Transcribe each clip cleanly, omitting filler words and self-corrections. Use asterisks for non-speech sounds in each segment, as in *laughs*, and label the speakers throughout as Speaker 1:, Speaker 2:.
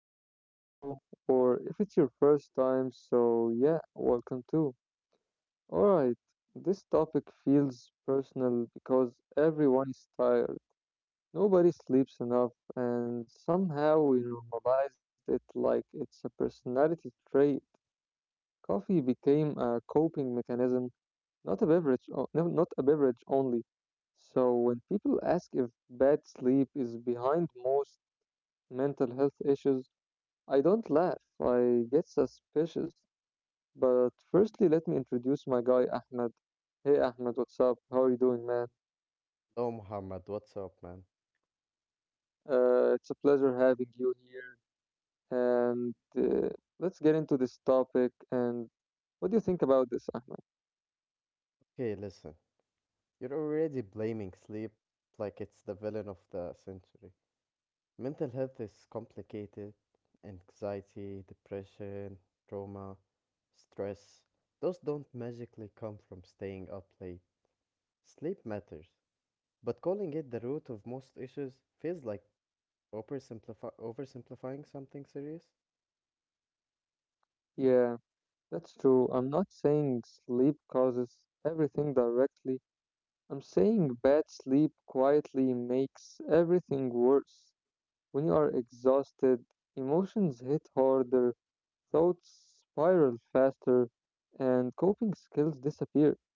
Speaker 1: back to the show. Or if it's your first time, welcome too. Alright, this topic feels personal because everyone is tired. Nobody sleeps enough, and somehow we normalized it like it's a personality trait. Coffee became a coping mechanism, not a beverage, not a beverage only. So when people ask if bad sleep is behind most mental health issues, I don't laugh, I get suspicious. But firstly, let me introduce my guy, Ahmed. Hey, Ahmed, what's up? How are you doing, man?
Speaker 2: Oh, Muhammad, what's up, man?
Speaker 1: It's a pleasure having you here. And let's get into this topic. And what do you think about this, Ahmed?
Speaker 2: Okay, listen. You're already blaming sleep like it's the villain of the century. Mental health is complicated. Anxiety, depression, trauma, stress. Those don't magically come from staying up late. Sleep matters. But calling it the root of most issues feels like oversimplifying something serious.
Speaker 1: Yeah, that's true. I'm not saying sleep causes everything directly, I'm saying bad sleep quietly makes everything worse. When you are exhausted, emotions hit harder, thoughts spiral faster, and coping skills disappear.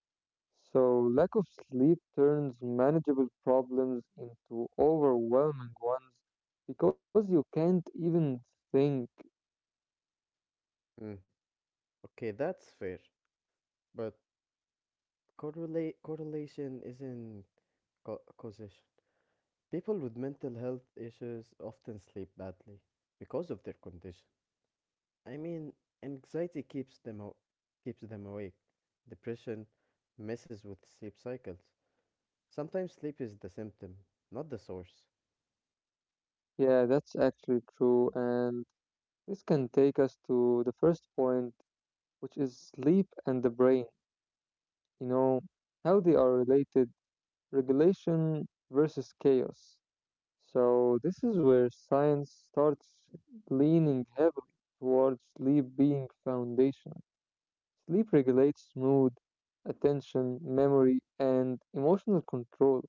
Speaker 1: So, lack of sleep turns manageable problems into overwhelming ones because you can't even think.
Speaker 2: Mm, okay, that's fair. But correlate correlation isn't causation. People with mental health issues often sleep badly because of their condition. I mean, anxiety keeps them awake. Depression messes with sleep cycles. Sometimes sleep is the symptom, not the source.
Speaker 1: Yeah, that's actually true. And this can take us to the first point, which is sleep and the brain. You know, how they are related, regulation versus chaos. So, this is where science starts leaning heavily towards sleep being foundational. Sleep regulates mood, attention, memory, and emotional control.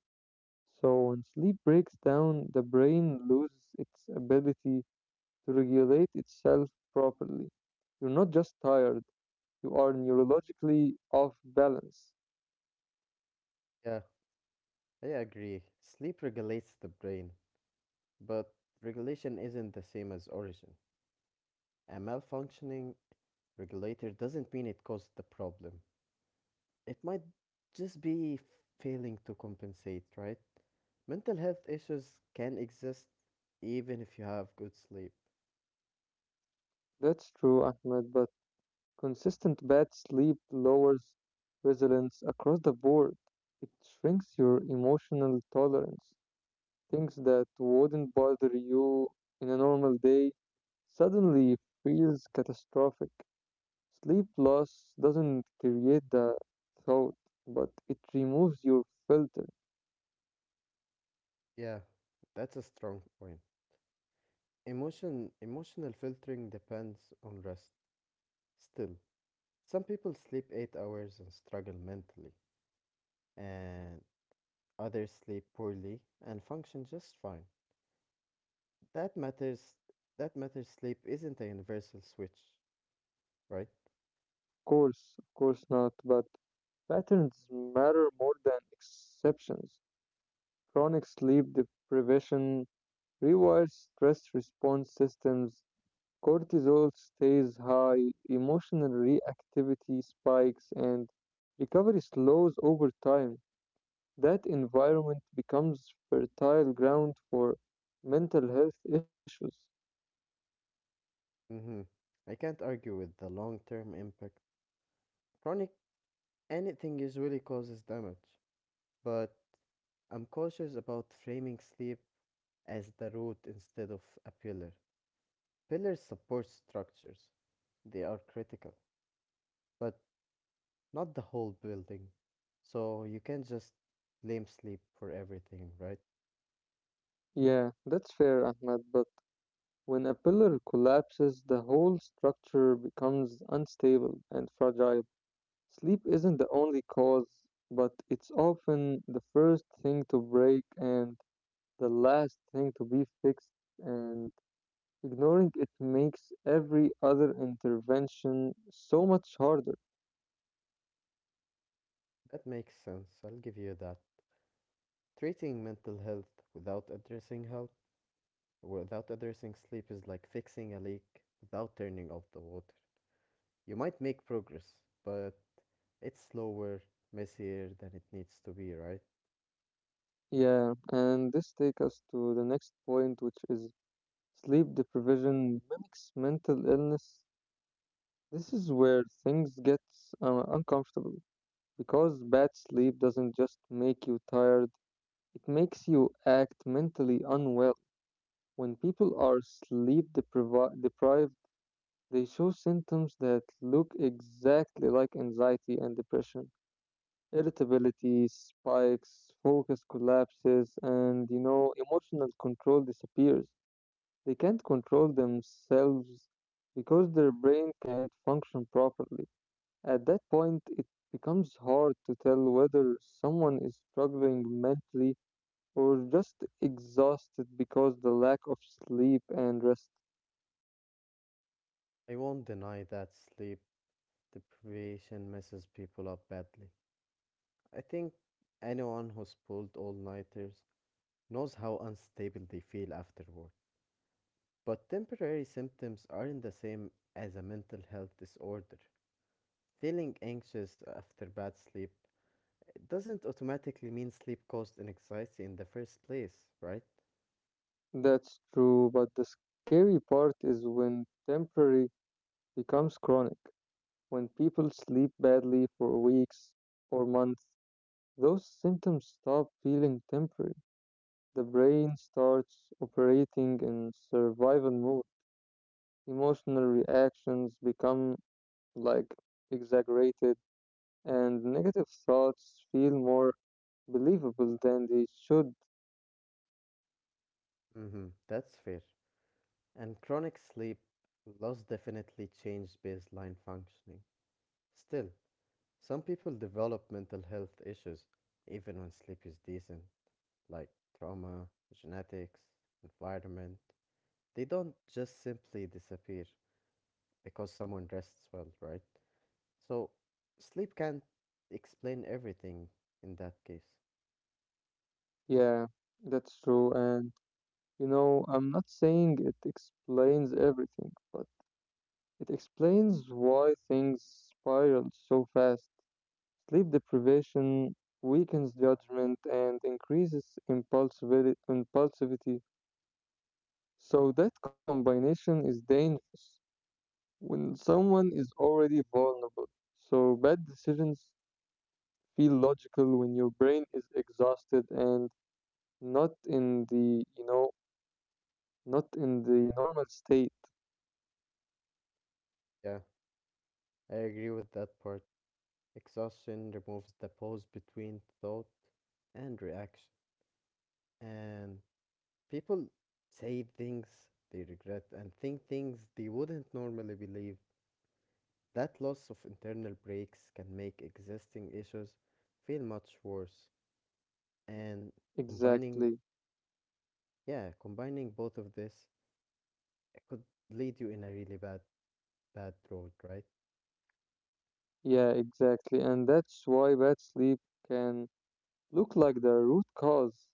Speaker 1: So, when sleep breaks down, the brain loses its ability to regulate itself properly. You're not just tired, you are neurologically off balance.
Speaker 2: Yeah, I agree. Sleep regulates the brain, but regulation isn't the same as origin. A malfunctioning regulator doesn't mean it caused the problem. It might just be failing to compensate, right? Mental health issues can exist even if you have good sleep.
Speaker 1: That's true, Ahmed, but consistent bad sleep lowers resilience across the board. It shrinks your emotional tolerance. Things that wouldn't bother you in a normal day suddenly feels catastrophic. Sleep loss doesn't create the thought, but it removes your filter.
Speaker 2: Yeah, that's a strong point. Emotional filtering depends on rest. Still, some people sleep 8 hours and struggle mentally, and others sleep poorly and function just fine. That matters that matters, sleep isn't a universal switch, right?
Speaker 1: Of course not, but patterns matter more than exceptions. Chronic sleep deprivation rewired stress response systems, cortisol stays high, emotional reactivity spikes, and recovery slows over time. That environment becomes fertile ground for mental health issues.
Speaker 2: Mhm. I can't argue with the long-term impact. Chronic anything usually causes damage, but I'm cautious about framing sleep as the root instead of a pillar. Pillars support structures, they are critical, but not the whole building. So you can't just blame sleep for everything, right?
Speaker 1: Yeah, that's fair, Ahmed, but when a pillar collapses, the whole structure becomes unstable and fragile. Sleep isn't the only cause, but it's often the first thing to break, and the last thing to be fixed, and ignoring it makes every other intervention so much harder.
Speaker 2: That makes sense. I'll give you that. Treating mental health without addressing sleep is like fixing a leak without turning off the water. You might make progress, but it's slower, messier than it needs to be, right?
Speaker 1: Yeah, and this takes us to the next point, which is sleep deprivation mimics mental illness. This is where things get uncomfortable because bad sleep doesn't just make you tired, it makes you act mentally unwell. When people are deprived, they show symptoms that look exactly like anxiety and depression. Irritability spikes, focus collapses, and emotional control disappears. They can't control themselves because their brain can't function properly. At that point, it becomes hard to tell whether someone is struggling mentally or just exhausted because the lack of sleep and rest.
Speaker 2: I won't deny that sleep deprivation messes people up badly. I think anyone who's pulled all nighters knows how unstable they feel afterward. But temporary symptoms aren't the same as a mental health disorder. Feeling anxious after bad sleep doesn't automatically mean sleep caused anxiety in the first place, right?
Speaker 1: That's true, but the scary part is when temporary becomes chronic, when people sleep badly for weeks or months, those symptoms stop feeling temporary. The brain starts operating in survival mode. Emotional reactions become like exaggerated, and negative thoughts feel more believable than they should.
Speaker 2: Mm-hmm, that's fair. And chronic sleep loss definitely changed baseline functioning. Still, some people develop mental health issues even when sleep is decent, like trauma, genetics, environment. They don't just simply disappear because someone rests well, right? So, sleep can't explain everything in that case.
Speaker 1: Yeah, that's true. I'm not saying it explains everything, but it explains why things spiral so fast. Sleep deprivation weakens judgment and increases impulsivity. So that combination is dangerous when someone is already vulnerable. So bad decisions feel logical when your brain is exhausted and not in the, you know, not in the normal state.
Speaker 2: Yeah, I agree with that part. Exhaustion removes the pause between thought and reaction. And people say things they regret and think things they wouldn't normally believe. That loss of internal breaks can make existing issues feel much worse. And combining,
Speaker 1: Exactly.
Speaker 2: yeah, combining both of this, it could lead you in a really bad, bad road, right?
Speaker 1: Yeah, exactly. And that's why bad sleep can look like the root cause.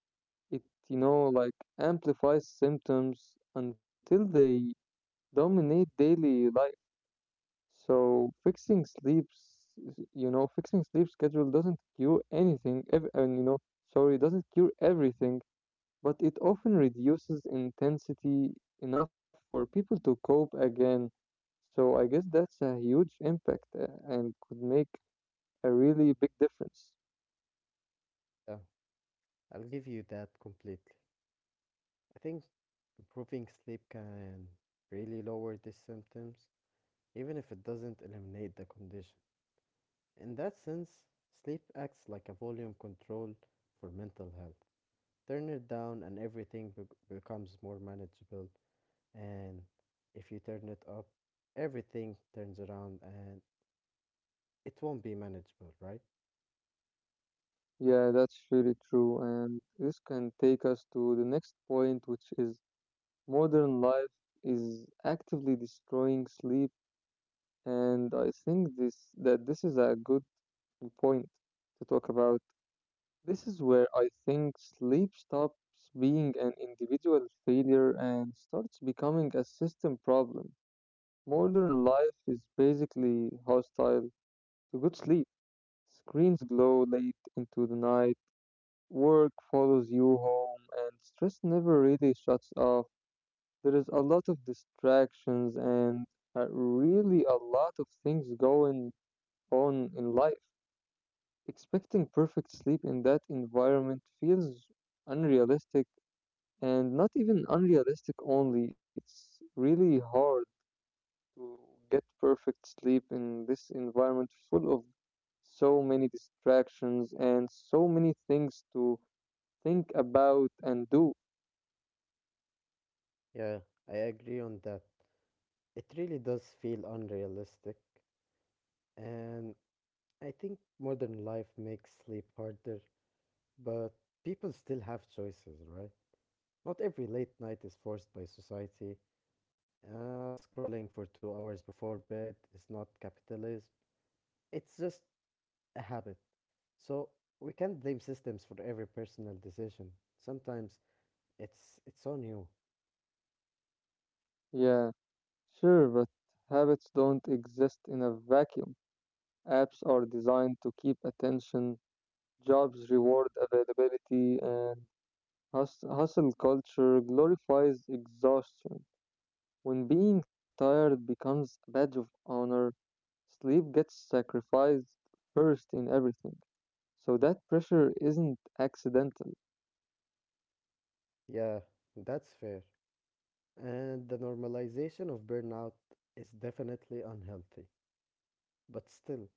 Speaker 1: It, you know, like amplifies symptoms until they dominate daily life. So fixing sleep schedule doesn't cure anything, ev- and you know, sorry, doesn't cure everything, but it often reduces intensity enough for people to cope again. So I guess that's a huge impact and could make a really big difference.
Speaker 2: Yeah, I'll give you that completely. I think improving sleep can really lower these symptoms, even if it doesn't eliminate the condition. In that sense, sleep acts like a volume control for mental health. Turn it down and everything becomes more manageable, and if you turn it up, everything turns around and it won't be manageable, right?
Speaker 1: Yeah, that's really true. And this can take us to the next point, which is modern life is actively destroying sleep. And I think this is a good point to talk about. This is where I think sleep stops being an individual failure and starts becoming a system problem. Modern life is basically hostile to good sleep. Screens glow late into the night. Work follows you home, and stress never really shuts off. There is a lot of distractions and really a lot of things going on in life. Expecting perfect sleep in that environment feels unrealistic, and not even unrealistic only. It's really hard to get perfect sleep in this environment full of so many distractions and so many things to think about and do.
Speaker 2: Yeah, I agree on that. It really does feel unrealistic, and I think modern life makes sleep harder, but people still have choices, right? Not every late night is forced by society. Scrolling for 2 hours before bed is not capitalism. It's just a habit. So we can't blame systems for every personal decision. Sometimes it's on you.
Speaker 1: Yeah. Sure, but habits don't exist in a vacuum. Apps are designed to keep attention, jobs reward availability, and hustle culture glorifies exhaustion. When being tired becomes a badge of honor, sleep gets sacrificed first in everything. So that pressure isn't accidental.
Speaker 2: Yeah, that's fair. And the normalization of burnout is definitely unhealthy. But still,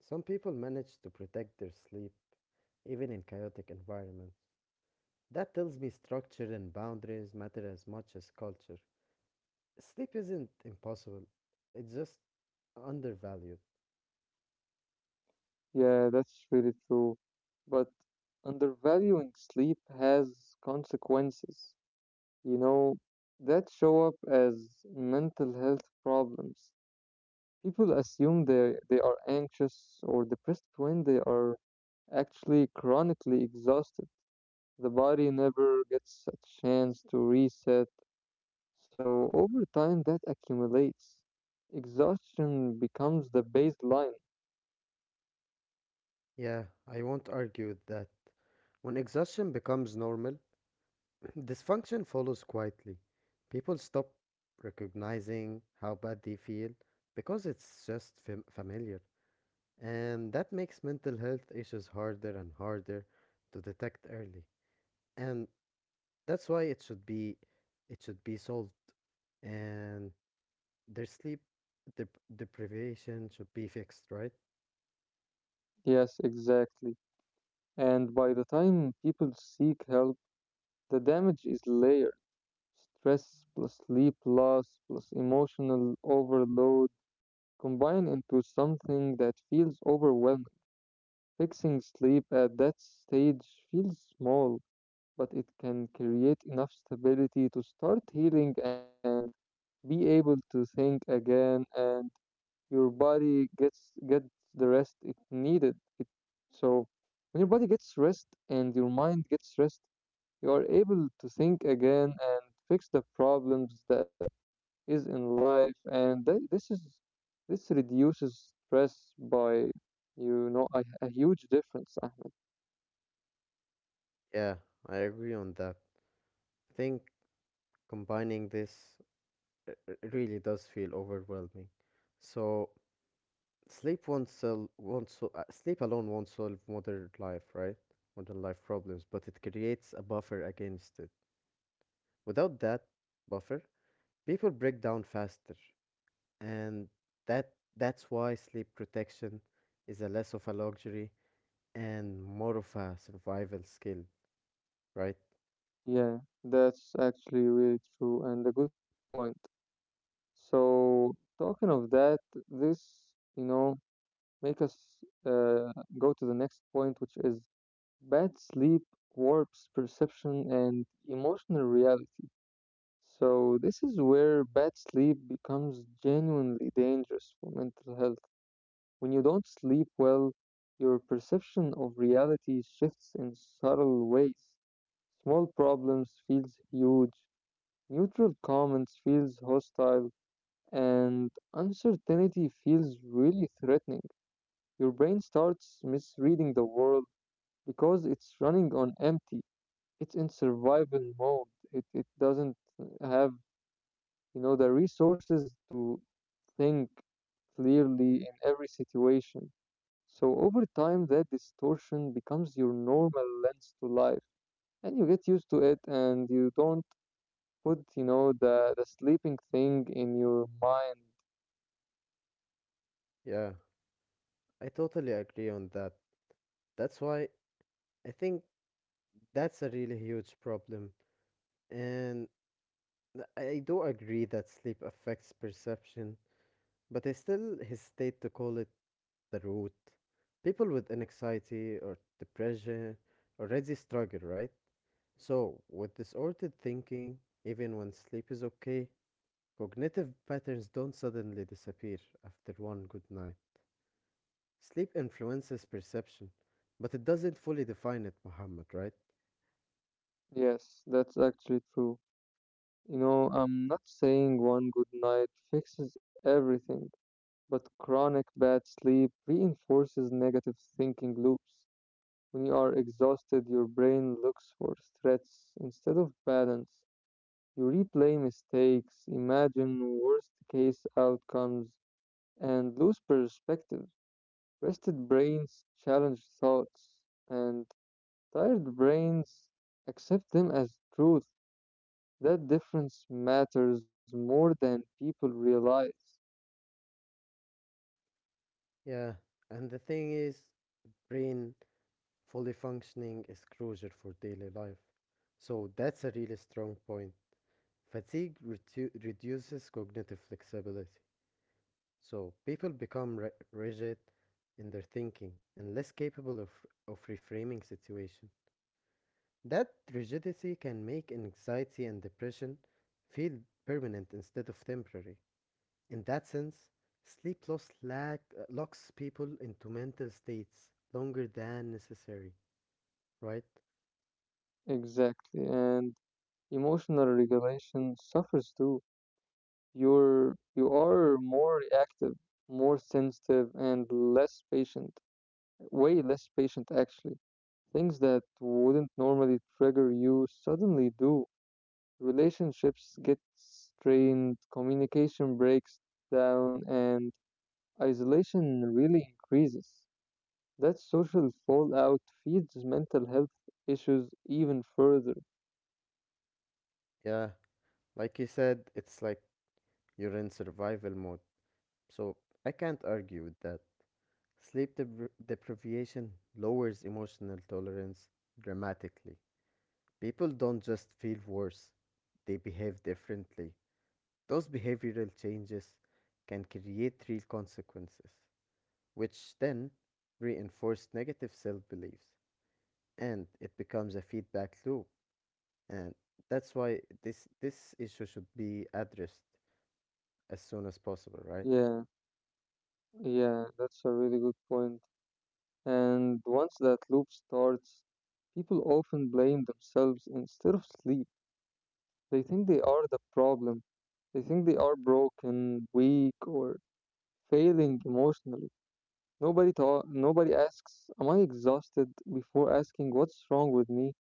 Speaker 2: some people manage to protect their sleep even in chaotic environments. That tells me structure and boundaries matter as much as culture. Sleep isn't impossible. It just undervalued.
Speaker 1: Yeah, that's really true. But undervaluing sleep has consequences, you know, that show up as mental health problems. People assume they are anxious or depressed when they are actually chronically exhausted. The body never gets a chance to reset, so over time that accumulates. Exhaustion becomes the baseline.
Speaker 2: Yeah, I won't argue with that. When exhaustion becomes normal, *clears throat* dysfunction follows quietly. People stop recognizing how bad they feel because it's just familiar. And that makes mental health issues harder and harder to detect early. And that's why it should be solved, and their sleep dep- deprivation should be fixed, right?
Speaker 1: Yes, exactly. And by the time people seek help, the damage is layered. Stress plus sleep loss plus emotional overload combine into something that feels overwhelming. Fixing sleep at that stage feels small, but it can create enough stability to start healing and be able to think again and your body gets the rest it needed. It, so when your body gets rest and your mind gets rest, you are able to think again and fix the problems that is in life and this is this reduces stress by a huge difference, Ahmed.
Speaker 2: Yeah, I agree on that. I think combining this really does feel overwhelming. So sleep alone won't solve modern life, right? Modern life problems, but it creates a buffer against it. Without that buffer, people break down faster, and that that's why sleep protection is a less of a luxury and more of a survival skill, right?
Speaker 1: Yeah, that's actually really true and a good point. So talking of that, this you know make us uh, go to the next point which is bad sleep warps perception and emotional reality. So this is where bad sleep becomes genuinely dangerous for mental health. When you don't sleep well, your perception of reality shifts in subtle ways. Small problems feels huge, neutral comments feels hostile, and uncertainty feels really threatening. Your brain starts misreading the world because it's running on empty. It's in survival mode. It doesn't have, the resources to think clearly in every situation. So over time, that distortion becomes your normal lens to life, and you get used to it, and you don't put, the sleeping thing in your mind.
Speaker 2: Yeah, I totally agree on that. That's why I think that's a really huge problem. And I do agree that sleep affects perception, but I still hesitate to call it the root. People with anxiety or depression already struggle, right? So, with disordered thinking, even when sleep is okay, cognitive patterns don't suddenly disappear after one good night. Sleep influences perception, but it doesn't fully define it, Muhammad, right?
Speaker 1: Yes, that's actually true. I'm not saying one good night fixes everything, but chronic bad sleep reinforces negative thinking loops. When you are exhausted, your brain looks for threats instead of balance. You replay mistakes, imagine worst case outcomes, and lose perspective. Rested brains challenge thoughts, and tired brains accept them as truth. That difference matters more than people realize.
Speaker 2: Yeah, and the thing is, brain fully functioning is crucial for daily life. So that's a really strong point. Reduces cognitive flexibility. So people become rigid in their thinking and less capable of reframing situation. That rigidity can make anxiety and depression feel permanent instead of temporary. In that sense, locks people into mental states longer than necessary, right?
Speaker 1: Exactly, and emotional regulation suffers too. You are more reactive, more sensitive, and less patient. Way less patient actually. Things that wouldn't normally trigger you suddenly do. Relationships get strained, communication breaks down, and isolation really increases. That social fallout feeds mental health issues even further.
Speaker 2: Yeah, like you said, it's like you're in survival mode, so I can't argue with that. Deprivation lowers emotional tolerance dramatically. People don't just feel worse, they behave differently. Those behavioral changes can create real consequences, which then reinforce negative self beliefs, and it becomes a feedback loop. And that's why this issue should be addressed as soon as possible, right?
Speaker 1: Yeah, yeah, that's a really good point. And once that loop starts, people often blame themselves instead of sleep. They think they are the problem. They think they are broken, weak, or failing emotionally. Nobody asks, "Am I exhausted?" before asking, "What's wrong with me?"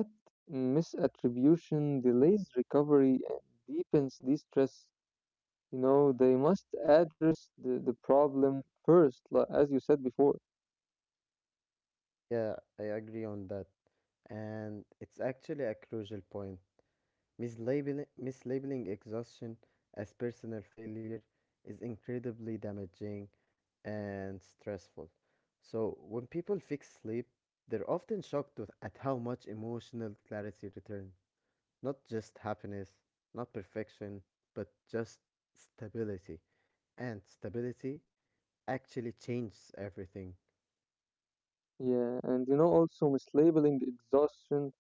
Speaker 1: That misattribution delays recovery and deepens distress. You know, they must address the problem first, as you said before.
Speaker 2: Yeah, I agree on that. And it's actually a crucial point. Mislabeling exhaustion as personal failure is incredibly damaging and stressful. So, when people fix sleep, they're often at how much emotional clarity returns. Not just happiness, not perfection, but just stability. And stability actually changes everything.
Speaker 1: Yeah, and also mislabeling exhaustion,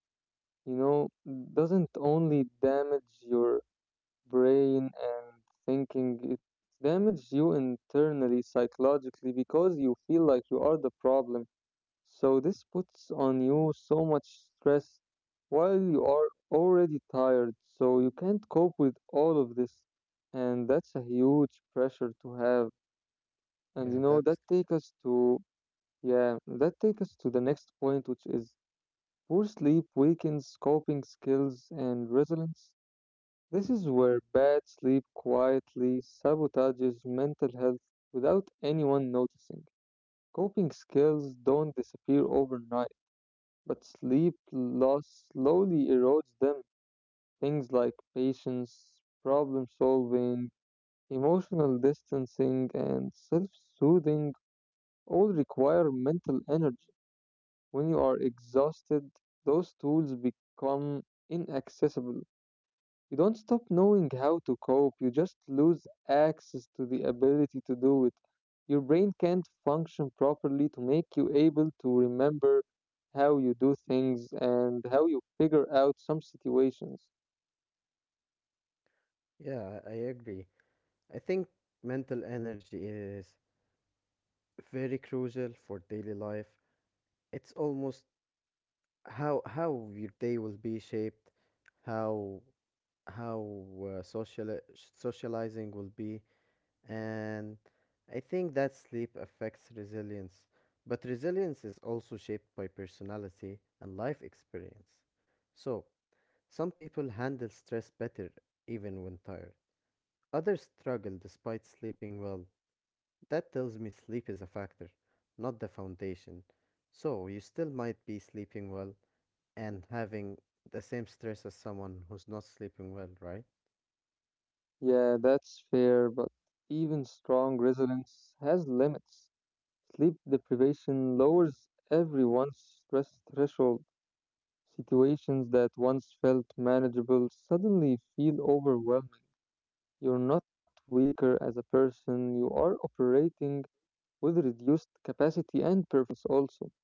Speaker 1: you know, doesn't only damage your brain and thinking, it damages you internally psychologically because you feel like you are the problem, so this puts on you so much stress while you are already tired, so you can't cope with all of this, and that's a huge pressure to have. and you
Speaker 2: Yeah,
Speaker 1: know that
Speaker 2: that's,
Speaker 1: take us to yeah that take us to the next point, which is poor sleep weakens coping skills and resilience. This is where bad sleep quietly sabotages mental health without anyone noticing. Coping skills don't disappear overnight, but sleep loss slowly erodes them. Things like patience, problem solving, emotional distancing, and self soothing all require mental energy. When you are exhausted, those tools become inaccessible. You don't stop knowing how to cope, you just lose access to the ability to do it. Your brain can't function properly to make you able to remember how you do things and how you figure out some situations.
Speaker 2: yeah, I agree. I think mental energy is very crucial for daily life. It's almost how your day will be shaped, how how socializing will be, and I think that sleep affects resilience. But resilience is also shaped by personality and life experience. So, some people handle stress better even when tired. Others struggle despite sleeping well. That tells me sleep is a factor, not the foundation. So you still might be sleeping well and having the same stress as someone who's not sleeping well, right?
Speaker 1: Yeah, that's fair, but even strong resilience has limits. Sleep deprivation lowers everyone's stress threshold. Situations that once felt manageable suddenly feel overwhelming. You're not weaker as a person, you are operating with reduced capacity and performance also.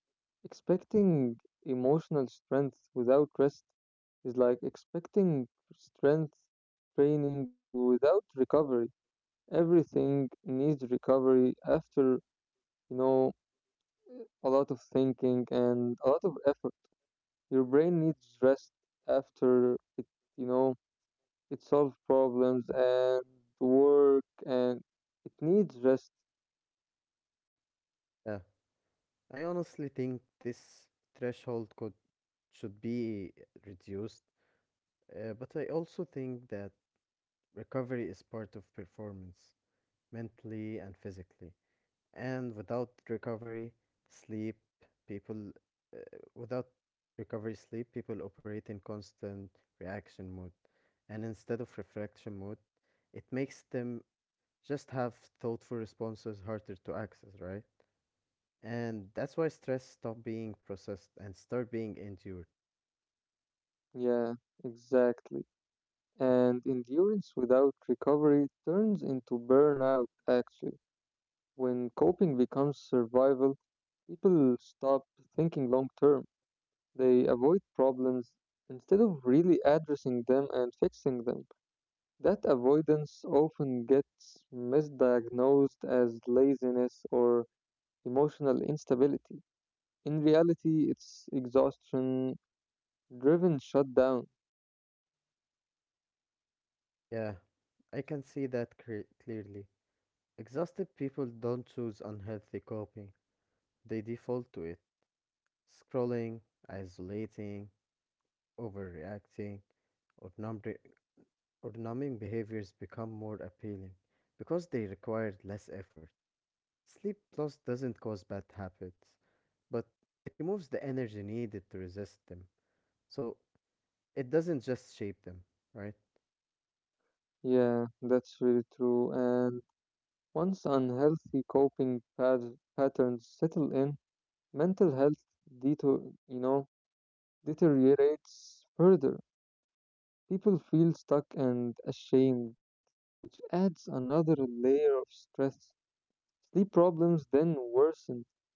Speaker 1: Expecting emotional strength without rest is like expecting strength training without recovery. Everything needs recovery after, you know, a lot of thinking and a lot of effort. Your brain needs rest after it, you know, it solves problems and work and it needs rest.
Speaker 2: Yeah. I honestly think this threshold could should be reduced, but I also think that recovery is part of performance, mentally and physically. And sleep people uh, without recovery sleep, people operate in constant reaction mode and instead of reflection mode. It makes them just have thoughtful responses harder to access, right? And that's why stress stop being processed and start being endured.
Speaker 1: Yeah, exactly. And endurance without recovery turns into burnout, actually. When coping becomes survival, people stop thinking long term. They avoid problems instead of really addressing them and fixing them. That avoidance often gets misdiagnosed as laziness or emotional instability. In reality, it's exhaustion driven shutdown.
Speaker 2: Yeah, I can see that clearly. Exhausted people don't choose unhealthy coping, they default to it. Scrolling, isolating, overreacting, or numbri- or numbing behaviors become more appealing because they require less effort. Sleep loss doesn't cause bad habits, but it removes the energy needed to resist them. So it doesn't just shape them, right?
Speaker 1: Yeah, that's really true. And once unhealthy coping patterns settle in, mental health deter- you know, deteriorates further. People feel stuck and ashamed, which adds another layer of stress. Sleep problems then worsen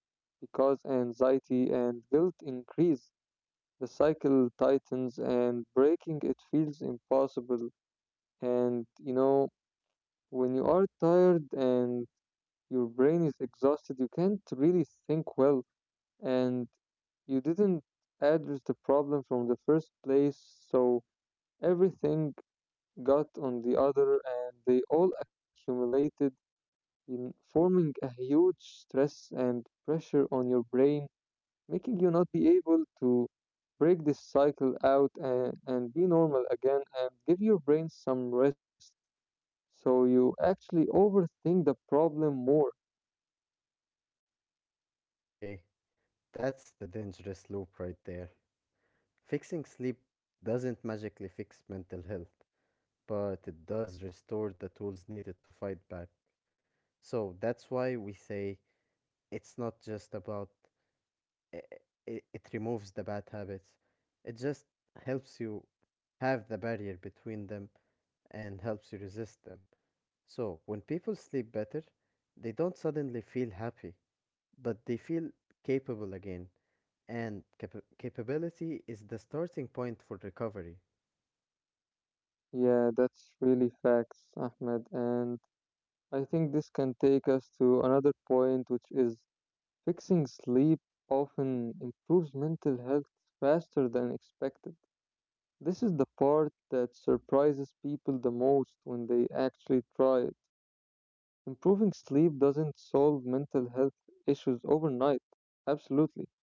Speaker 1: because anxiety and guilt increase. The cycle tightens and breaking it feels impossible. And you know, when you are tired and your brain is exhausted, you can't really think well and you didn't address the problem from the first place, so everything got on the other and they all accumulated in forming a huge stress and pressure on your brain, making you not be able to break this cycle out and be normal again and give your brain some rest so you actually overthink the problem more.
Speaker 2: Okay, that's the dangerous loop right there. Fixing sleep doesn't magically fix mental health, but it does restore the tools needed to fight back. So that's why we say it's not just about i- it removes the bad habits. It just helps you have the barrier between them and helps you resist them. So, when people sleep better, they don't suddenly feel happy, but they feel capable again. And capability is the starting point for recovery.
Speaker 1: Yeah, that's really facts, Ahmed. And I think this can take us to another point, which is fixing sleep often improves mental health faster than expected. This is the part that surprises people the most when they actually try it. Improving sleep doesn't solve mental health issues overnight, absolutely,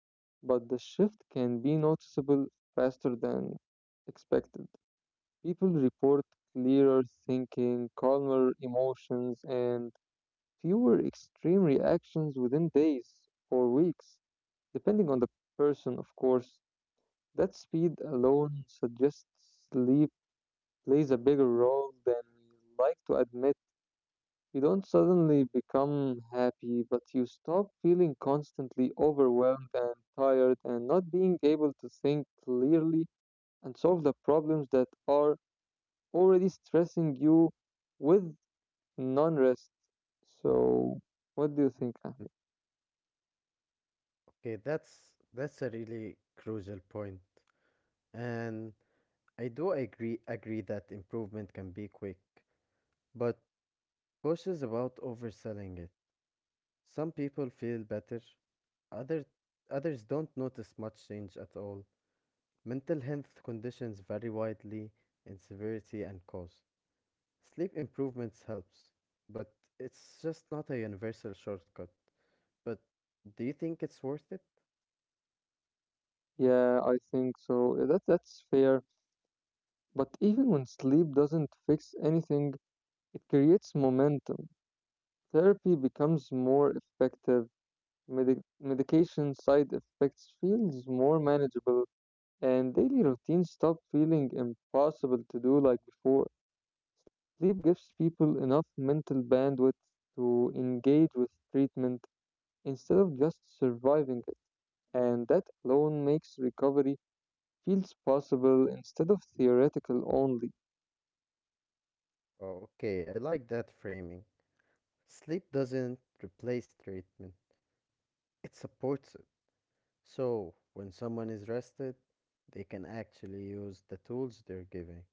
Speaker 1: but the shift can be noticeable faster than expected. People report clearer thinking, calmer emotions, and fewer extreme reactions within days or weeks, depending on the person, of course. That speed alone suggests sleep plays a bigger role than we like to admit. You don't suddenly become happy, but you stop feeling constantly overwhelmed and tired and not being able to think clearly and solve the problems that are already stressing you with non rest. So, what do you think, Ahmed?
Speaker 2: Okay, that's a really crucial point. And I do agree that improvement can be quick, but cautious about overselling it. Some people feel better, other, others don't notice much change at all. Mental health conditions vary widely in severity and cause. Sleep improvements helps, but it's just not a universal shortcut. But do you think it's worth it?
Speaker 1: Yeah, I think so. That's fair. But even when sleep doesn't fix anything, it creates momentum. Therapy becomes more effective. Medi Medication side effects feels more manageable, and daily routines stop feeling impossible to do like before. Sleep gives people enough mental bandwidth to engage with treatment instead of just surviving it, and that alone makes recovery feels possible instead of theoretical only.
Speaker 2: Okay, I like that framing. Sleep doesn't replace treatment, it supports it. So, when someone is rested, they can actually use the tools they're giving.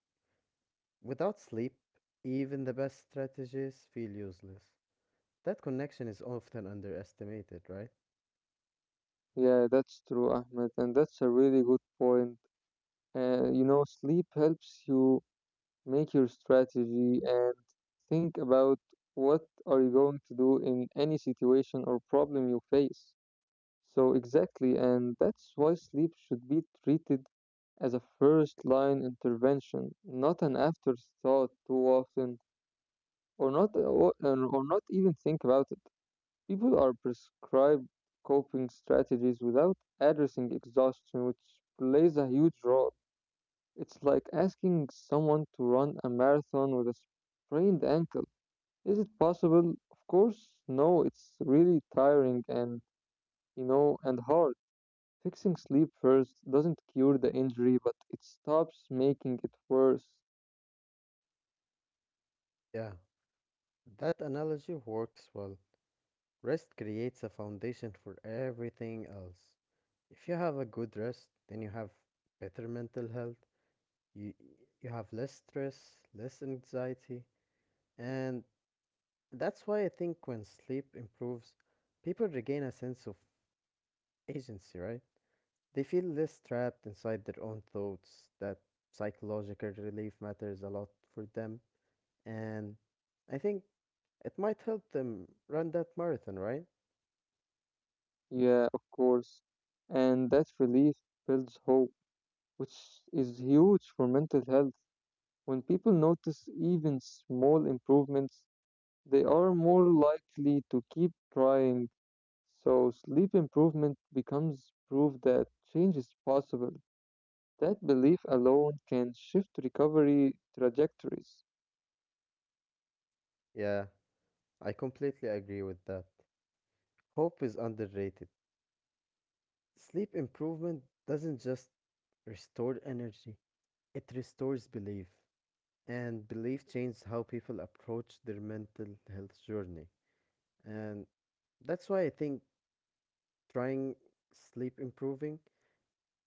Speaker 2: Without sleep, even the best strategies feel useless. That connection is often underestimated, right?
Speaker 1: Yeah, that's true, Ahmed, and that's a really good point. You know, sleep helps you make your strategy and think about what are you going to do in any situation or problem you face. So exactly, and that's why sleep should be treated as a first line intervention, not an afterthought too often, or not, or not even think about it. People are prescribed coping strategies without addressing exhaustion, which plays a huge role. It's like asking someone to run a marathon with a sprained ankle. Is it possible? Of course, no, it's really tiring and, you know, and hard. Fixing sleep first doesn't cure the injury, but it stops making it worse.
Speaker 2: Yeah, that analogy works well. Rest creates a foundation for everything else. If you have a good rest, then you have better mental health, you, you have less stress, less anxiety, and that's why I think when sleep improves, people regain a sense of agency, right? They feel less trapped inside their own thoughts. That psychological relief matters a lot for them. And I think it might help them run that marathon, right?
Speaker 1: Yeah, of course. And that relief builds hope, which is huge for mental health. When people notice even small improvements, they are more likely to keep trying, so sleep improvement becomes proof that change is possible. That belief alone can shift recovery trajectories.
Speaker 2: Yeah, I completely agree with that. Hope is underrated. Sleep improvement doesn't just restore energy, it restores belief. And belief changes how people approach their mental health journey. And that's why I think trying sleep improving,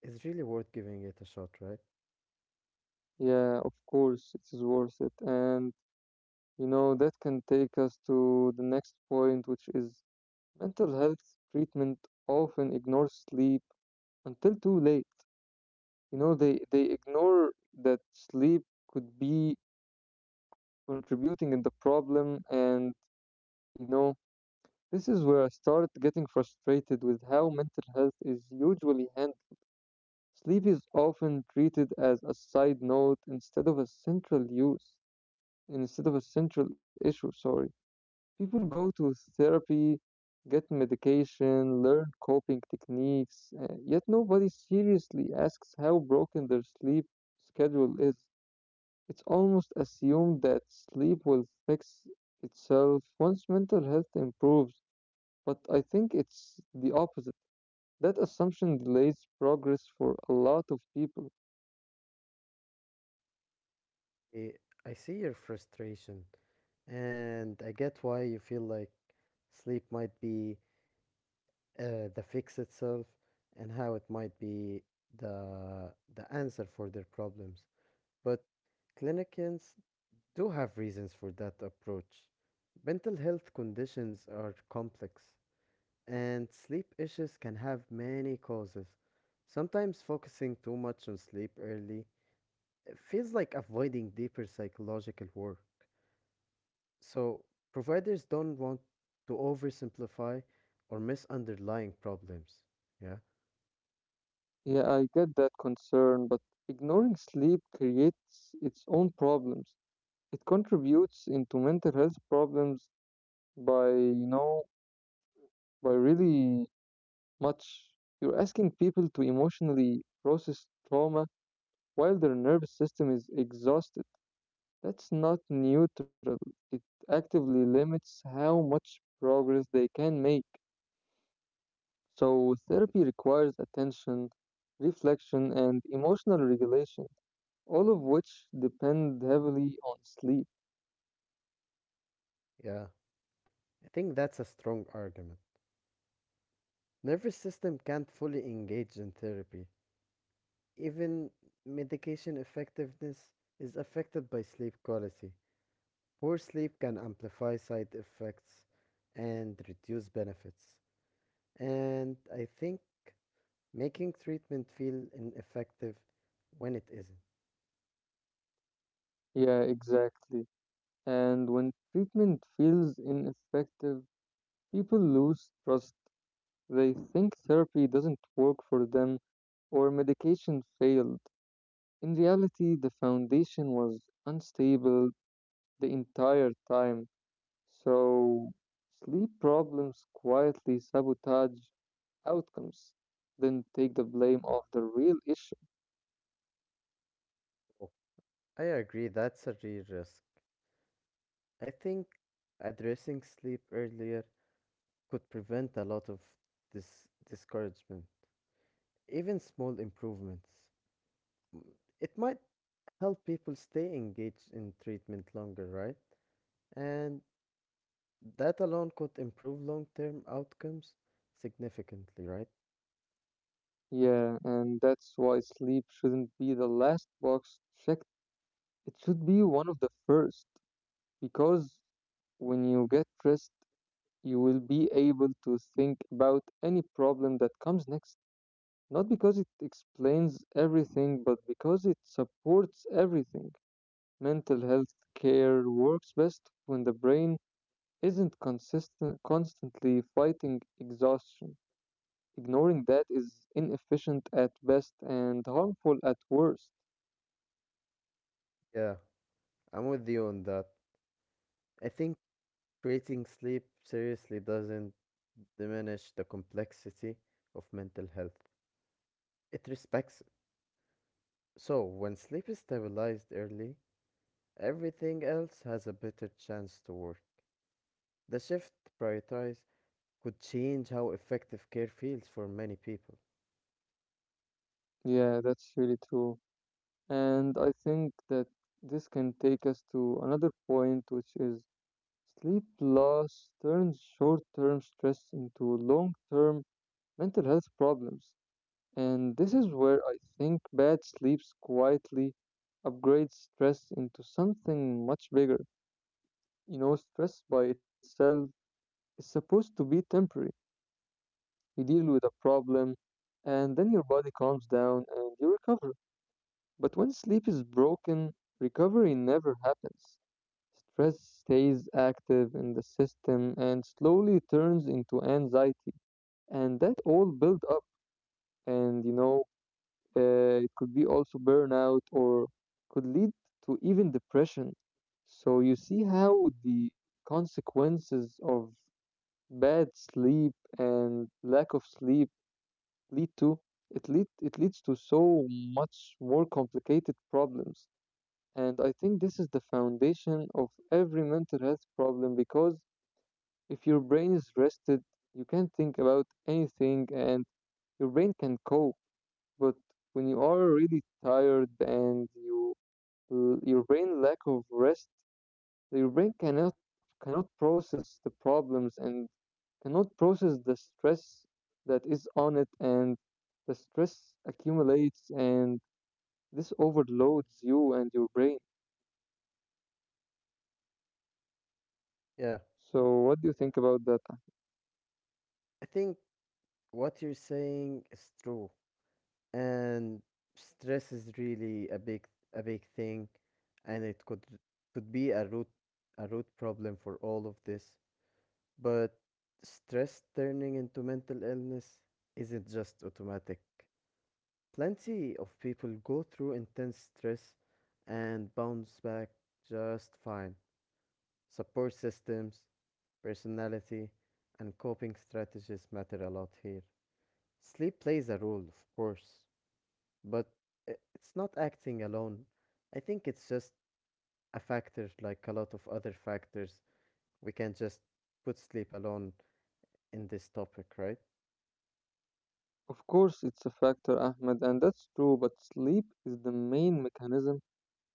Speaker 2: it's really worth giving it a shot, right?
Speaker 1: Yeah, of course, it is worth it. And you know, that can take us to the next point, which is mental health treatment often ignores sleep until too late. You know, they ignore that sleep could be contributing in the problem. And you know, this is where I started getting frustrated with how mental health is usually handled. Sleep is often treated as a side note instead of a central use, instead of a central issue. Sorry, people go to therapy, get medication, learn coping techniques, yet nobody seriously asks how broken their sleep schedule is. It's almost assumed that sleep will fix itself once mental health improves, but I think it's the opposite. That assumption delays progress for a lot of people.
Speaker 2: I I see your frustration, and I get why you feel like sleep might be the fix itself, and how it might be the answer for their problems. But clinicians do have reasons for that approach. Mental health conditions are complex, and sleep issues can have many causes. Sometimes focusing too much on sleep early feels like avoiding deeper psychological work. So, providers don't want to oversimplify or miss underlying problems. Yeah,
Speaker 1: Yeah, I get that concern, but ignoring sleep creates its own problems. It contributes into mental health problems by, you know, by really much. You're asking people to emotionally process trauma while their nervous system is exhausted. That's not neutral. It actively limits how much progress they can make. So, therapy requires attention, reflection, and emotional regulation, all of which depend heavily on sleep.
Speaker 2: yeah. I think that's a strong argument. Nervous system can't fully engage in therapy. Even medication effectiveness is affected by sleep quality. Poor sleep can amplify side effects and reduce benefits. And I think making treatment feel ineffective when it isn't.
Speaker 1: Yeah, exactly. And when treatment feels ineffective, people lose trust. They think therapy doesn't work for them or medication failed. In reality, the foundation was unstable the entire time. So, sleep problems quietly sabotage outcomes, then take the blame of the real issue.
Speaker 2: Oh, I agree, that's a real risk. I think addressing sleep earlier could prevent a lot of this discouragement, even small improvements. M- It might help people stay engaged in treatment longer, right? And that alone could improve long term outcomes significantly, right?
Speaker 1: Yeah, and that's why sleep shouldn't be the last box checked. It should be one of the first, because when you get rest, you will be able to think about any problem that comes next. Not because it explains everything, but because it supports everything. Mental health care works best when the brain isn't constantly fighting exhaustion. Ignoring that is inefficient at best and harmful at worst.
Speaker 2: Yeah, I'm with you on that. I think treating sleep seriously doesn't diminish the complexity of mental health. It respects it. So, when sleep is stabilized early, everything else has a better chance to work. The shift to prioritize could change how effective care feels for many people.
Speaker 1: Yeah, that's really true. And I think that this can take us to another point, which is sleep loss turns short term stress into long term mental health problems. And this is where I think bad sleeps quietly upgrades stress into something much bigger. You know, stress by itself is supposed to be temporary. You deal with a problem and then your body calms down and you recover. But when sleep is broken, recovery never happens. Stress stays active in the system and slowly turns into anxiety and that all build up and you know, it could be also burnout or could lead to even depression. So you see how the consequences of bad sleep and lack of sleep lead to it leads to so much more complicated problems. And I think this is the foundation of every mental health problem because if your brain is rested, you can think about anything and your brain can cope. But when you are really tired and you your brain lack of rest, your brain cannot process the problems and cannot process the stress that is on it and the stress accumulates and this overloads you and your brain.
Speaker 2: Yeah,
Speaker 1: So what do you think about that? Ah,
Speaker 2: I think what you're saying is true. And stress is really a big thing, and it could be a root problem for all of this. But stress turning into mental illness isn't just automatic. Plenty of people go through intense stress and bounce back just fine. Support systems, personality, and coping strategies matter a lot here. Sleep plays a role, of course, but it's not acting alone. I think it's just a factor like a lot of other factors. We can't just put sleep alone in this topic, right?
Speaker 1: of course it's a factor, Ahmed, and that's true, but sleep is the main mechanism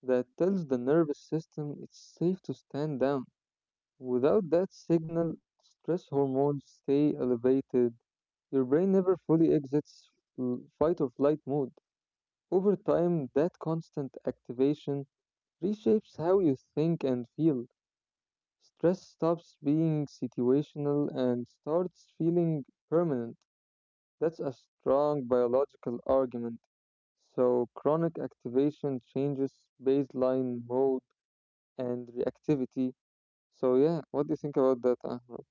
Speaker 1: that tells the nervous system it's safe to stand down. Without that signal, stress hormones stay elevated. Your brain never fully exits fight or flight mode. Over time, that constant activation reshapes how you think and feel. Stress stops being situational and starts feeling permanent. That's a strong biological argument. So, chronic activation changes baseline mode and reactivity. So, yeah, what do you think about that, Ahmed?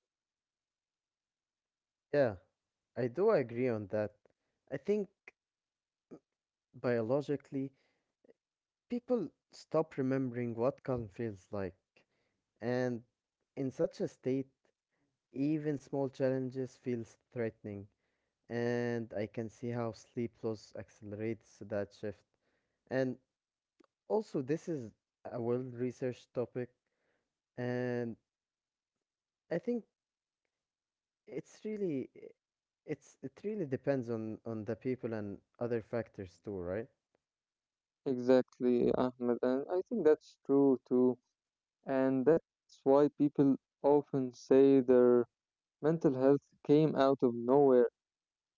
Speaker 2: Yeah, I do agree on that. I think biologically, people stop remembering what calm feels like, and in such a state, even small challenges feels threatening, and I can see how sleep loss accelerates that shift. And also, this is a well-researched topic, and I think it's really it really depends on the people and other factors too, right?
Speaker 1: Exactly, Ahmed, and I think that's true too. And that's why people often say their mental health came out of nowhere.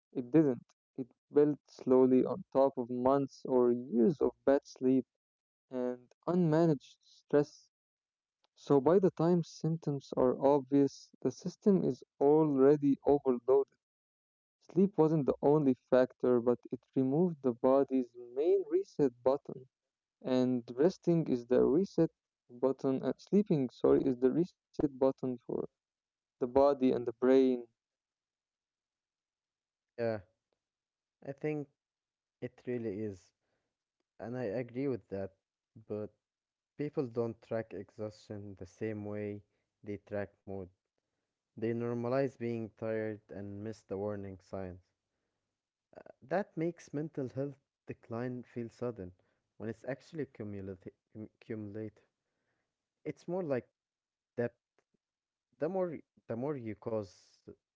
Speaker 1: It didn't. It built slowly on top of months or years of bad sleep and unmanaged stress. So by the time symptoms are obvious, the system is already overloaded. Sleep wasn't the only factor, but it removed the body's main reset button. And resting is the reset button, sleeping sorry is the reset button for the body and the brain.
Speaker 2: Yeah. I think it really is, and I agree with that, but people don't track exhaustion the same way they track mood. They normalize being tired and miss the warning signs. Uh, that makes mental health decline feel sudden when it's actually cumulative. It's more like that the more the more you cause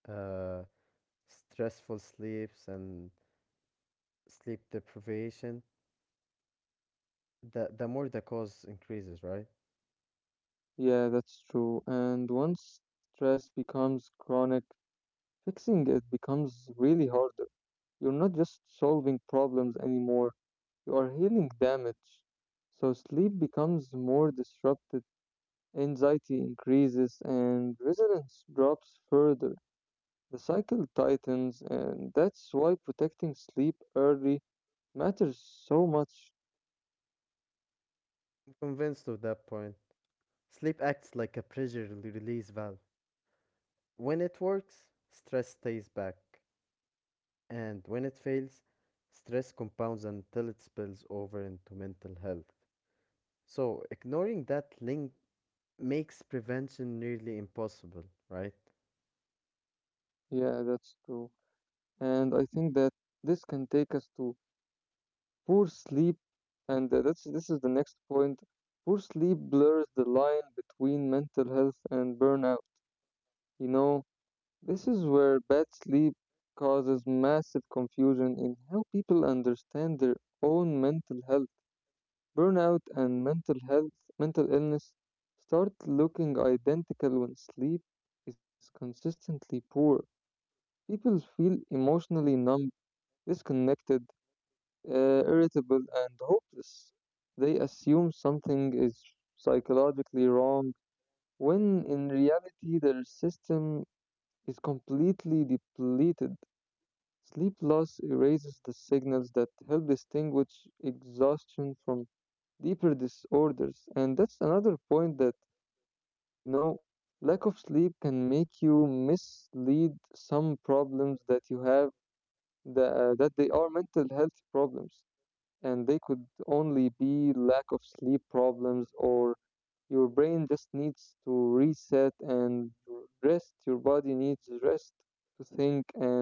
Speaker 2: uh, stressful sleeps and sleep deprivation, the more the cause increases, right?
Speaker 1: Yeah, that's true and once stress becomes chronic fixing it becomes really harder. You're not just solving problems anymore, you are healing damage. So sleep becomes more disrupted, anxiety increases and resilience drops further. The cycle tightens, and that's why protecting sleep early matters so much.
Speaker 2: Convinced of that point. Sleep acts like a release valve. When it works, stress stays back, and when it fails, stress compounds until it spills over into mental health. So, ignoring that link makes prevention nearly impossible, right?
Speaker 1: Yeah, that's true. And I think that this can take us to poor sleep, and that's this is the next point. Poor sleep blurs the line between mental health and burnout. You know, this is where bad sleep causes massive confusion in how people understand their own mental health. Burnout and mental health, mental illness start looking identical when sleep is consistently poor. People feel emotionally numb, disconnected, irritable, and hopeless. They assume something is psychologically wrong when in reality their system is completely depleted. Sleep loss erases the signals that help distinguish exhaustion from deeper disorders. And that's another point that, you know, lack of sleep can make you mislead some problems that you have that, that they are mental health problems and they could only be lack of sleep problems or your brain just needs to reset and rest. Your body needs rest to think and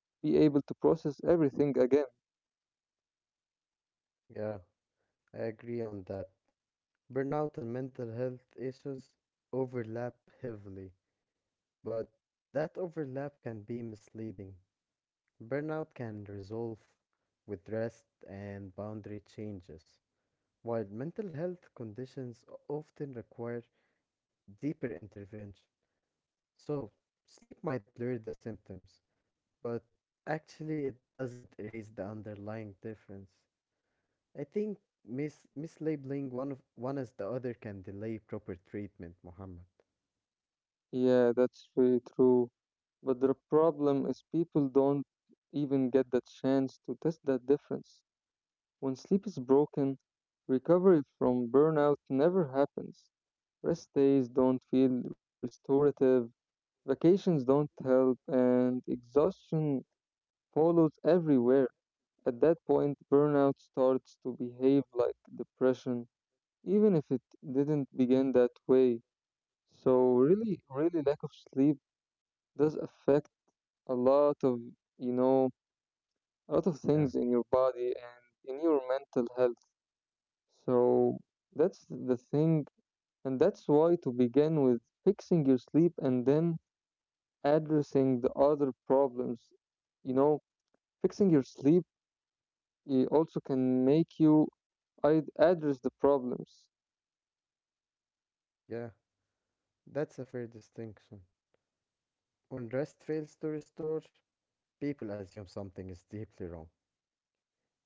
Speaker 1: be able to process everything again.
Speaker 2: Yeah, I agree on that. Burnout and mental health issues overlap heavily, but that overlap can be misleading. Burnout can resolve with rest and boundary changes, while mental health conditions often require deeper intervention. So, sleep might blur the symptoms, but actually, it doesn't erase the underlying difference. I think mislabeling one as the other can delay proper treatment, Muhammad.
Speaker 1: Yeah, that's very true. But the problem is people don't even get the chance to test that difference. When sleep is broken, recovery from burnout never happens. Rest days don't feel restorative, vacations don't help, and exhaustion follows everywhere. At that point, burnout starts to behave like depression, even if it didn't begin that way. So really lack of sleep does affect a lot of you know a lot of
Speaker 2: Yeah,
Speaker 1: things in your body and in your mental health, so that's the thing. And that's why, to begin with, fixing your sleep and then addressing the other problems, you know fixing your sleep, it also can make you I address the problems.
Speaker 2: yeah, that's a fair distinction. When rest fails to restore, people assume something is deeply wrong.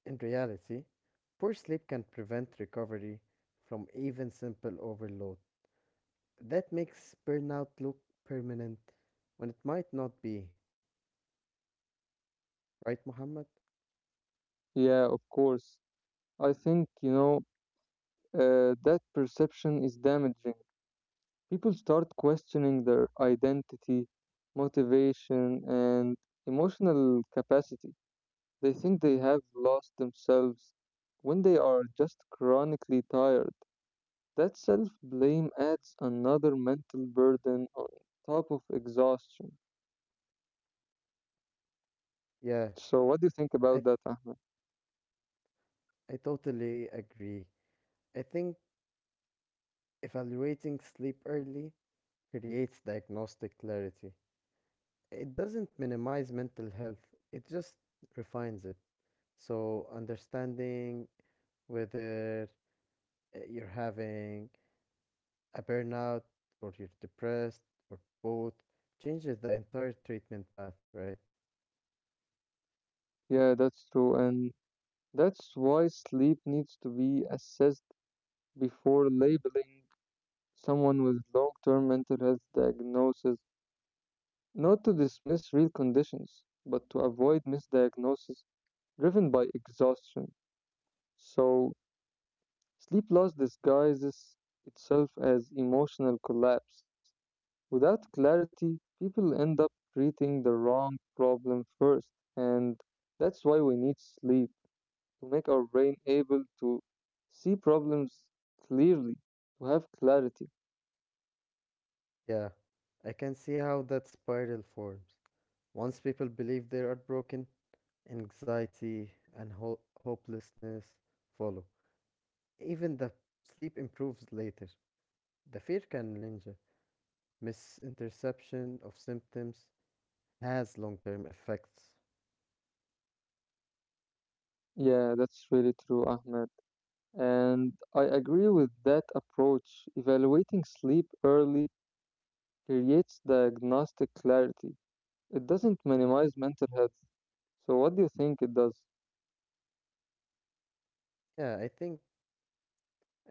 Speaker 2: In reality, poor sleep can prevent recovery from even simple overload. That makes burnout look permanent when it might not be. Right, Muhammad?
Speaker 1: Yeah, of course. I think that perception is damaging. People start questioning their identity, motivation, and emotional capacity. They think they have lost themselves when they are just chronically tired. That self blame adds another mental burden on top of exhaustion.
Speaker 2: Yeah,
Speaker 1: So, what do you think
Speaker 2: I,
Speaker 1: about that, Ahmed?
Speaker 2: I totally agree. I think evaluating sleep early creates diagnostic clarity. It doesn't minimize mental health, it just refines it. So, understanding whether you're having a burnout, or you're depressed, or both, changes the entire treatment path, right?
Speaker 1: Yeah, that's true. And that's why sleep needs to be assessed before labeling someone with long term mental health diagnosis. Not to dismiss real conditions, but to avoid misdiagnosis driven by exhaustion. So, sleep loss disguises itself as emotional collapse. Without clarity, people end up treating the wrong problem first, and that's why we need sleep to make our brain able to see problems clearly, to have clarity.
Speaker 2: Yeah, I can see how that spiral forms. Once people believe they are broken, anxiety and hopelessness follow. Even the sleep improves later. The fear can linger. Misinterception of symptoms has long-term effects.
Speaker 1: Yeah, that's really true, Ahmed. And I agree with that approach. Evaluating sleep early creates diagnostic clarity. It doesn't minimize mental health. So, what do you think it does?
Speaker 2: Yeah, I think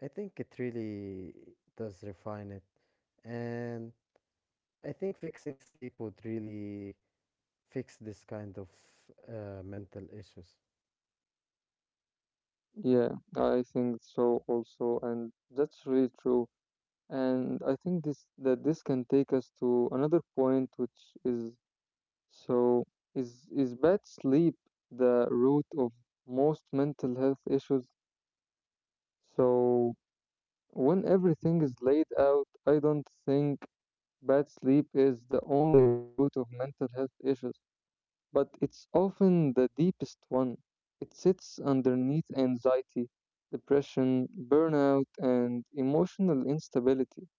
Speaker 2: I think it really does refine it. And I think fixing sleep would really fix this kind of mental issues.
Speaker 1: Yeah, I think so also, and that's really true. And I think this can take us to another point, which is, so, is bad sleep the root of most mental health issues? So when everything is laid out, I don't think bad sleep is the only root of mental health issues, but it's often the deepest one. It sits underneath anxiety, depression, burnout, and emotional instability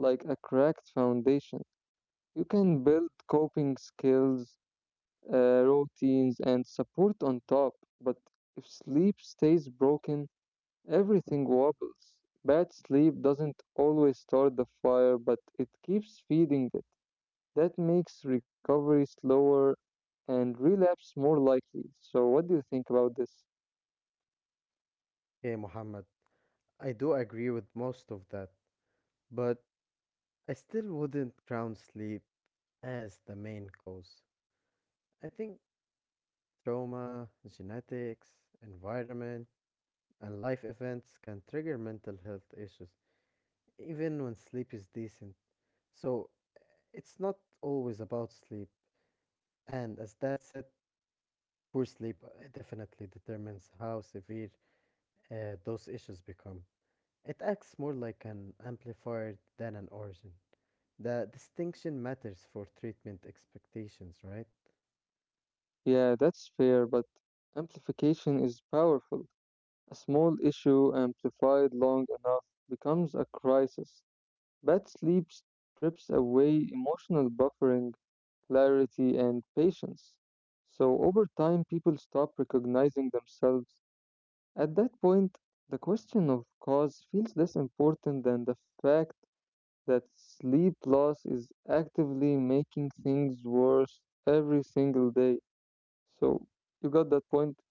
Speaker 1: like a cracked foundation. You can build coping skills, routines, and support on top, but if sleep stays broken, everything wobbles. Bad sleep doesn't always start the fire, but it keeps feeding it. That makes recovery slower and relapse more likely. So, what do you think about this?
Speaker 2: Okay, Muhammad, I do agree with most of that, but I still wouldn't crown sleep as the main cause. I think trauma, genetics, environment, and life events can trigger mental health issues, even when sleep is decent. So it's not always about sleep. And as that said, poor sleep definitely determines how severe those issues become. It acts more like an amplifier than an origin. The distinction matters for treatment expectations, right?
Speaker 1: Yeah, that's fair, but amplification is powerful. A small issue amplified long enough becomes a crisis. Bad sleep strips away emotional buffering, clarity, and patience. So, over time, people stop recognizing themselves. At that point, the question of cause feels less important than the fact that sleep loss is actively making things worse every single day. So you got that point.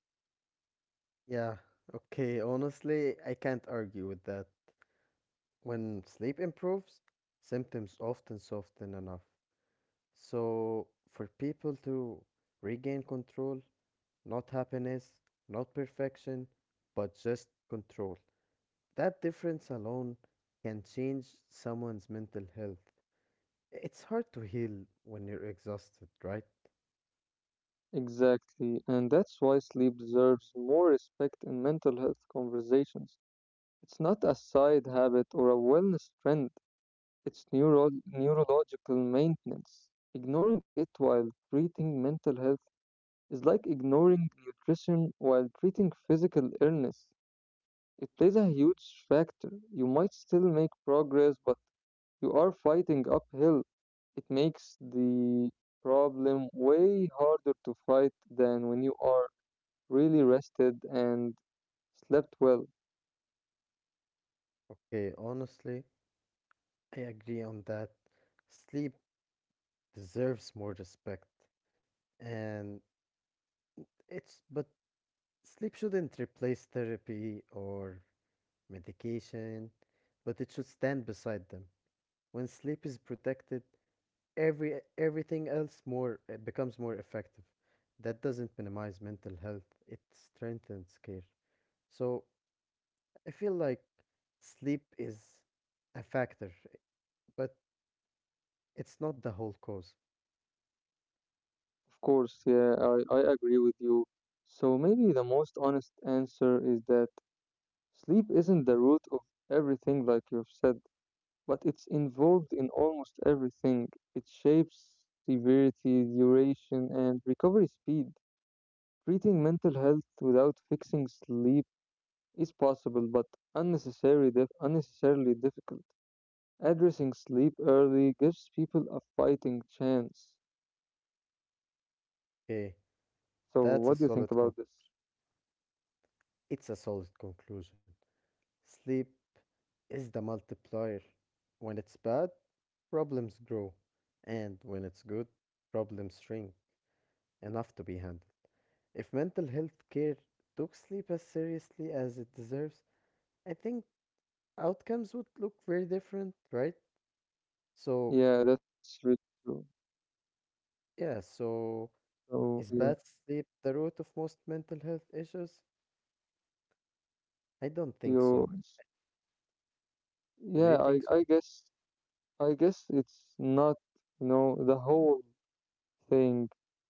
Speaker 2: Yeah, okay, honestly, I can't argue with that. When sleep improves, symptoms often soften enough. So, for people to regain control, not happiness, not perfection, but just control, that difference alone can change someone's mental health. It's hard to heal when you're exhausted, right?
Speaker 1: Exactly, and that's why sleep deserves more respect in mental health conversations. It's not a side habit or a wellness trend, it's neurological maintenance. Ignoring it while treating mental health is like ignoring nutrition while treating physical illness. It plays a huge factor. You might still make progress, but you are fighting uphill. It makes the problem way harder to fight than when you are really rested and slept well.
Speaker 2: Okay, honestly, I agree on that. Sleep deserves more respect. And it's, but sleep shouldn't replace therapy or medication, but it should stand beside them. When sleep is protected, everything else more becomes more effective. That doesn't minimize mental health, it strengthens care. So I feel like sleep is a factor. But it's not the whole cause.
Speaker 1: Of course, yeah, I agree with you. So maybe the most honest answer is that sleep isn't the root of everything, like you've said, but it's involved in almost everything. It shapes severity, duration, and recovery speed. Treating mental health without fixing sleep is possible but unnecessarily difficult. Addressing sleep early gives people a fighting chance.
Speaker 2: Hey,
Speaker 1: So, what
Speaker 2: that's a
Speaker 1: do you think about this?
Speaker 2: it's a solid conclusion. Sleep is the multiplier. When it's bad, problems grow, and when it's good, problems shrink enough to be handled. If mental health care took sleep as seriously as it deserves, I think outcomes would look very different, right? So,
Speaker 1: Yeah, that's really true.
Speaker 2: yeah, so
Speaker 1: So, yeah,
Speaker 2: is bad sleep the root of most mental health issues? I don't think
Speaker 1: you,
Speaker 2: so. Do you
Speaker 1: yeah,
Speaker 2: think so?
Speaker 1: I guess it's not, you know, the whole thing.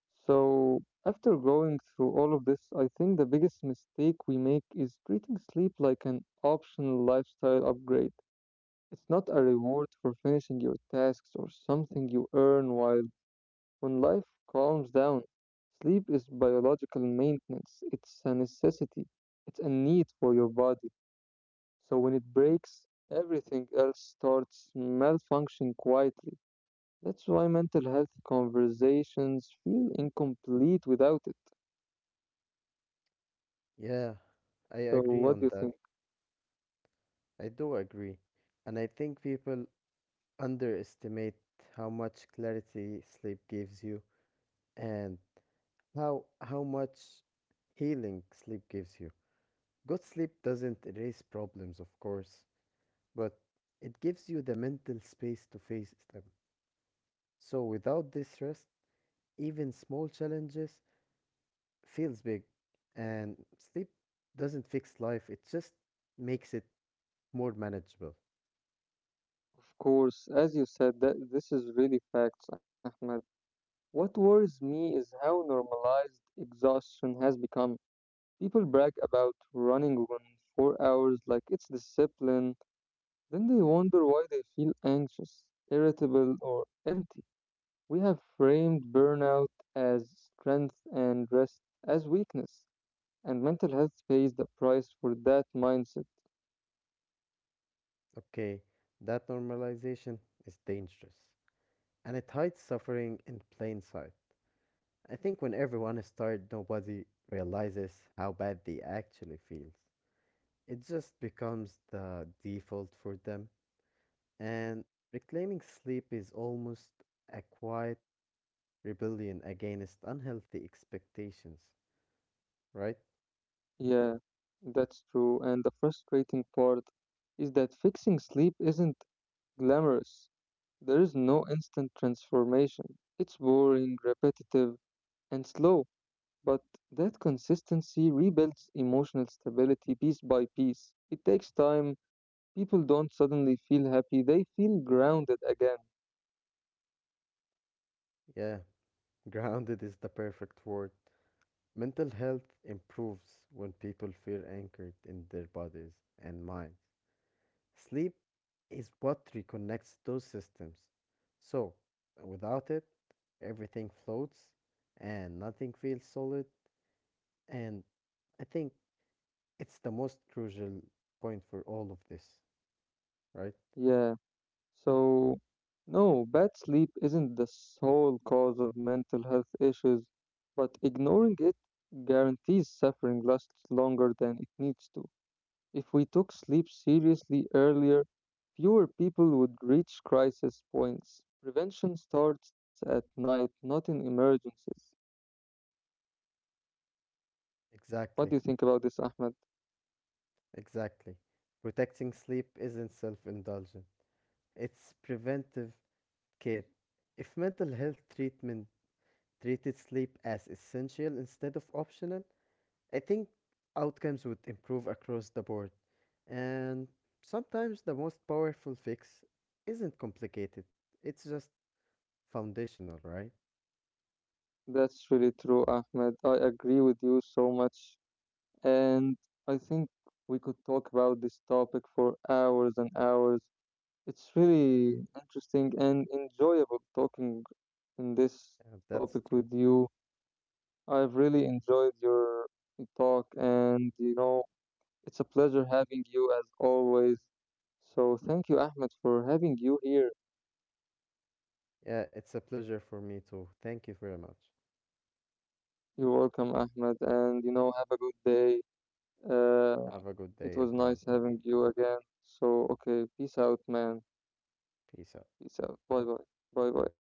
Speaker 1: So, after going through all of this, I think the biggest mistake we make is treating sleep like an optional lifestyle upgrade. It's not a reward for finishing your tasks or something you earn while when life calms down. Sleep is biological maintenance. It's a necessity. It's a need for your body. So when it breaks, everything else starts malfunctioning quietly. That's why mental health conversations feel incomplete without it.
Speaker 2: Yeah, I
Speaker 1: So
Speaker 2: agree on
Speaker 1: what do you
Speaker 2: that.
Speaker 1: think?
Speaker 2: I do agree. And I think people underestimate how much clarity sleep gives you and how much healing sleep gives you. Good sleep doesn't erase problems, of course, but it gives you the mental space to face them. So without this rest, even small challenges feels big. And sleep doesn't fix life, it just makes it more manageable.
Speaker 1: Of course, as you said, that this is really facts, Ahmed. What worries me is how normalized exhaustion has become. People brag about running on 4 hours like it's discipline, then they wonder why they feel anxious, irritable, or empty. We have framed burnout as strength and rest as weakness, and mental health pays the price for that mindset.
Speaker 2: Okay, that normalization is dangerous and it hides suffering in plain sight. I think when everyone is tired, nobody realizes how bad they actually feel. It just becomes the default for them, and reclaiming sleep is almost a quiet rebellion against unhealthy expectations, right?
Speaker 1: Yeah, that's true. And the frustrating part is that fixing sleep isn't glamorous. There is no instant transformation. It's boring, repetitive, and slow. But that consistency rebuilds emotional stability piece by piece. It takes time. People don't suddenly feel happy, they feel grounded again.
Speaker 2: Yeah, *laughs* grounded is the perfect word. Mental health improves when people feel anchored in their bodies and minds. Sleep is what reconnects those systems. So, without it, everything floats and nothing feels solid. And I think it's the most crucial point for all of this, right?
Speaker 1: Yeah. So, no, bad sleep isn't the sole cause of mental health issues, but ignoring it guarantees suffering lasts longer than it needs to. If we took sleep seriously earlier, fewer people would reach crisis points. Prevention starts at night, not in emergencies. What do you
Speaker 2: Exactly,
Speaker 1: think about this, Ahmed?
Speaker 2: exactly. Protecting sleep isn't self indulgent, it's preventive care. If mental health treatment treated sleep as essential instead of optional, I think outcomes would improve across the board, and sometimes the most powerful fix isn't complicated, it's just foundational, right?
Speaker 1: That's really true, Ahmed. I agree with you so much. And I think we could talk about this topic for hours and hours. It's really interesting and enjoyable talking in this
Speaker 2: Yeah, that's
Speaker 1: topic
Speaker 2: true.
Speaker 1: with you. I've really enjoyed your talk, and you know, it's a pleasure having you as always. So thank you, Ahmed, for having you here.
Speaker 2: Yeah, it's a pleasure for me too. Thank you very much.
Speaker 1: You're welcome, Ahmed, and you know, have a good day. Uh,
Speaker 2: Have a good
Speaker 1: it
Speaker 2: day,
Speaker 1: was
Speaker 2: everyone.
Speaker 1: nice having you again. So, okay, peace out, man.
Speaker 2: Peace out.
Speaker 1: Peace out. Bye bye. Bye bye.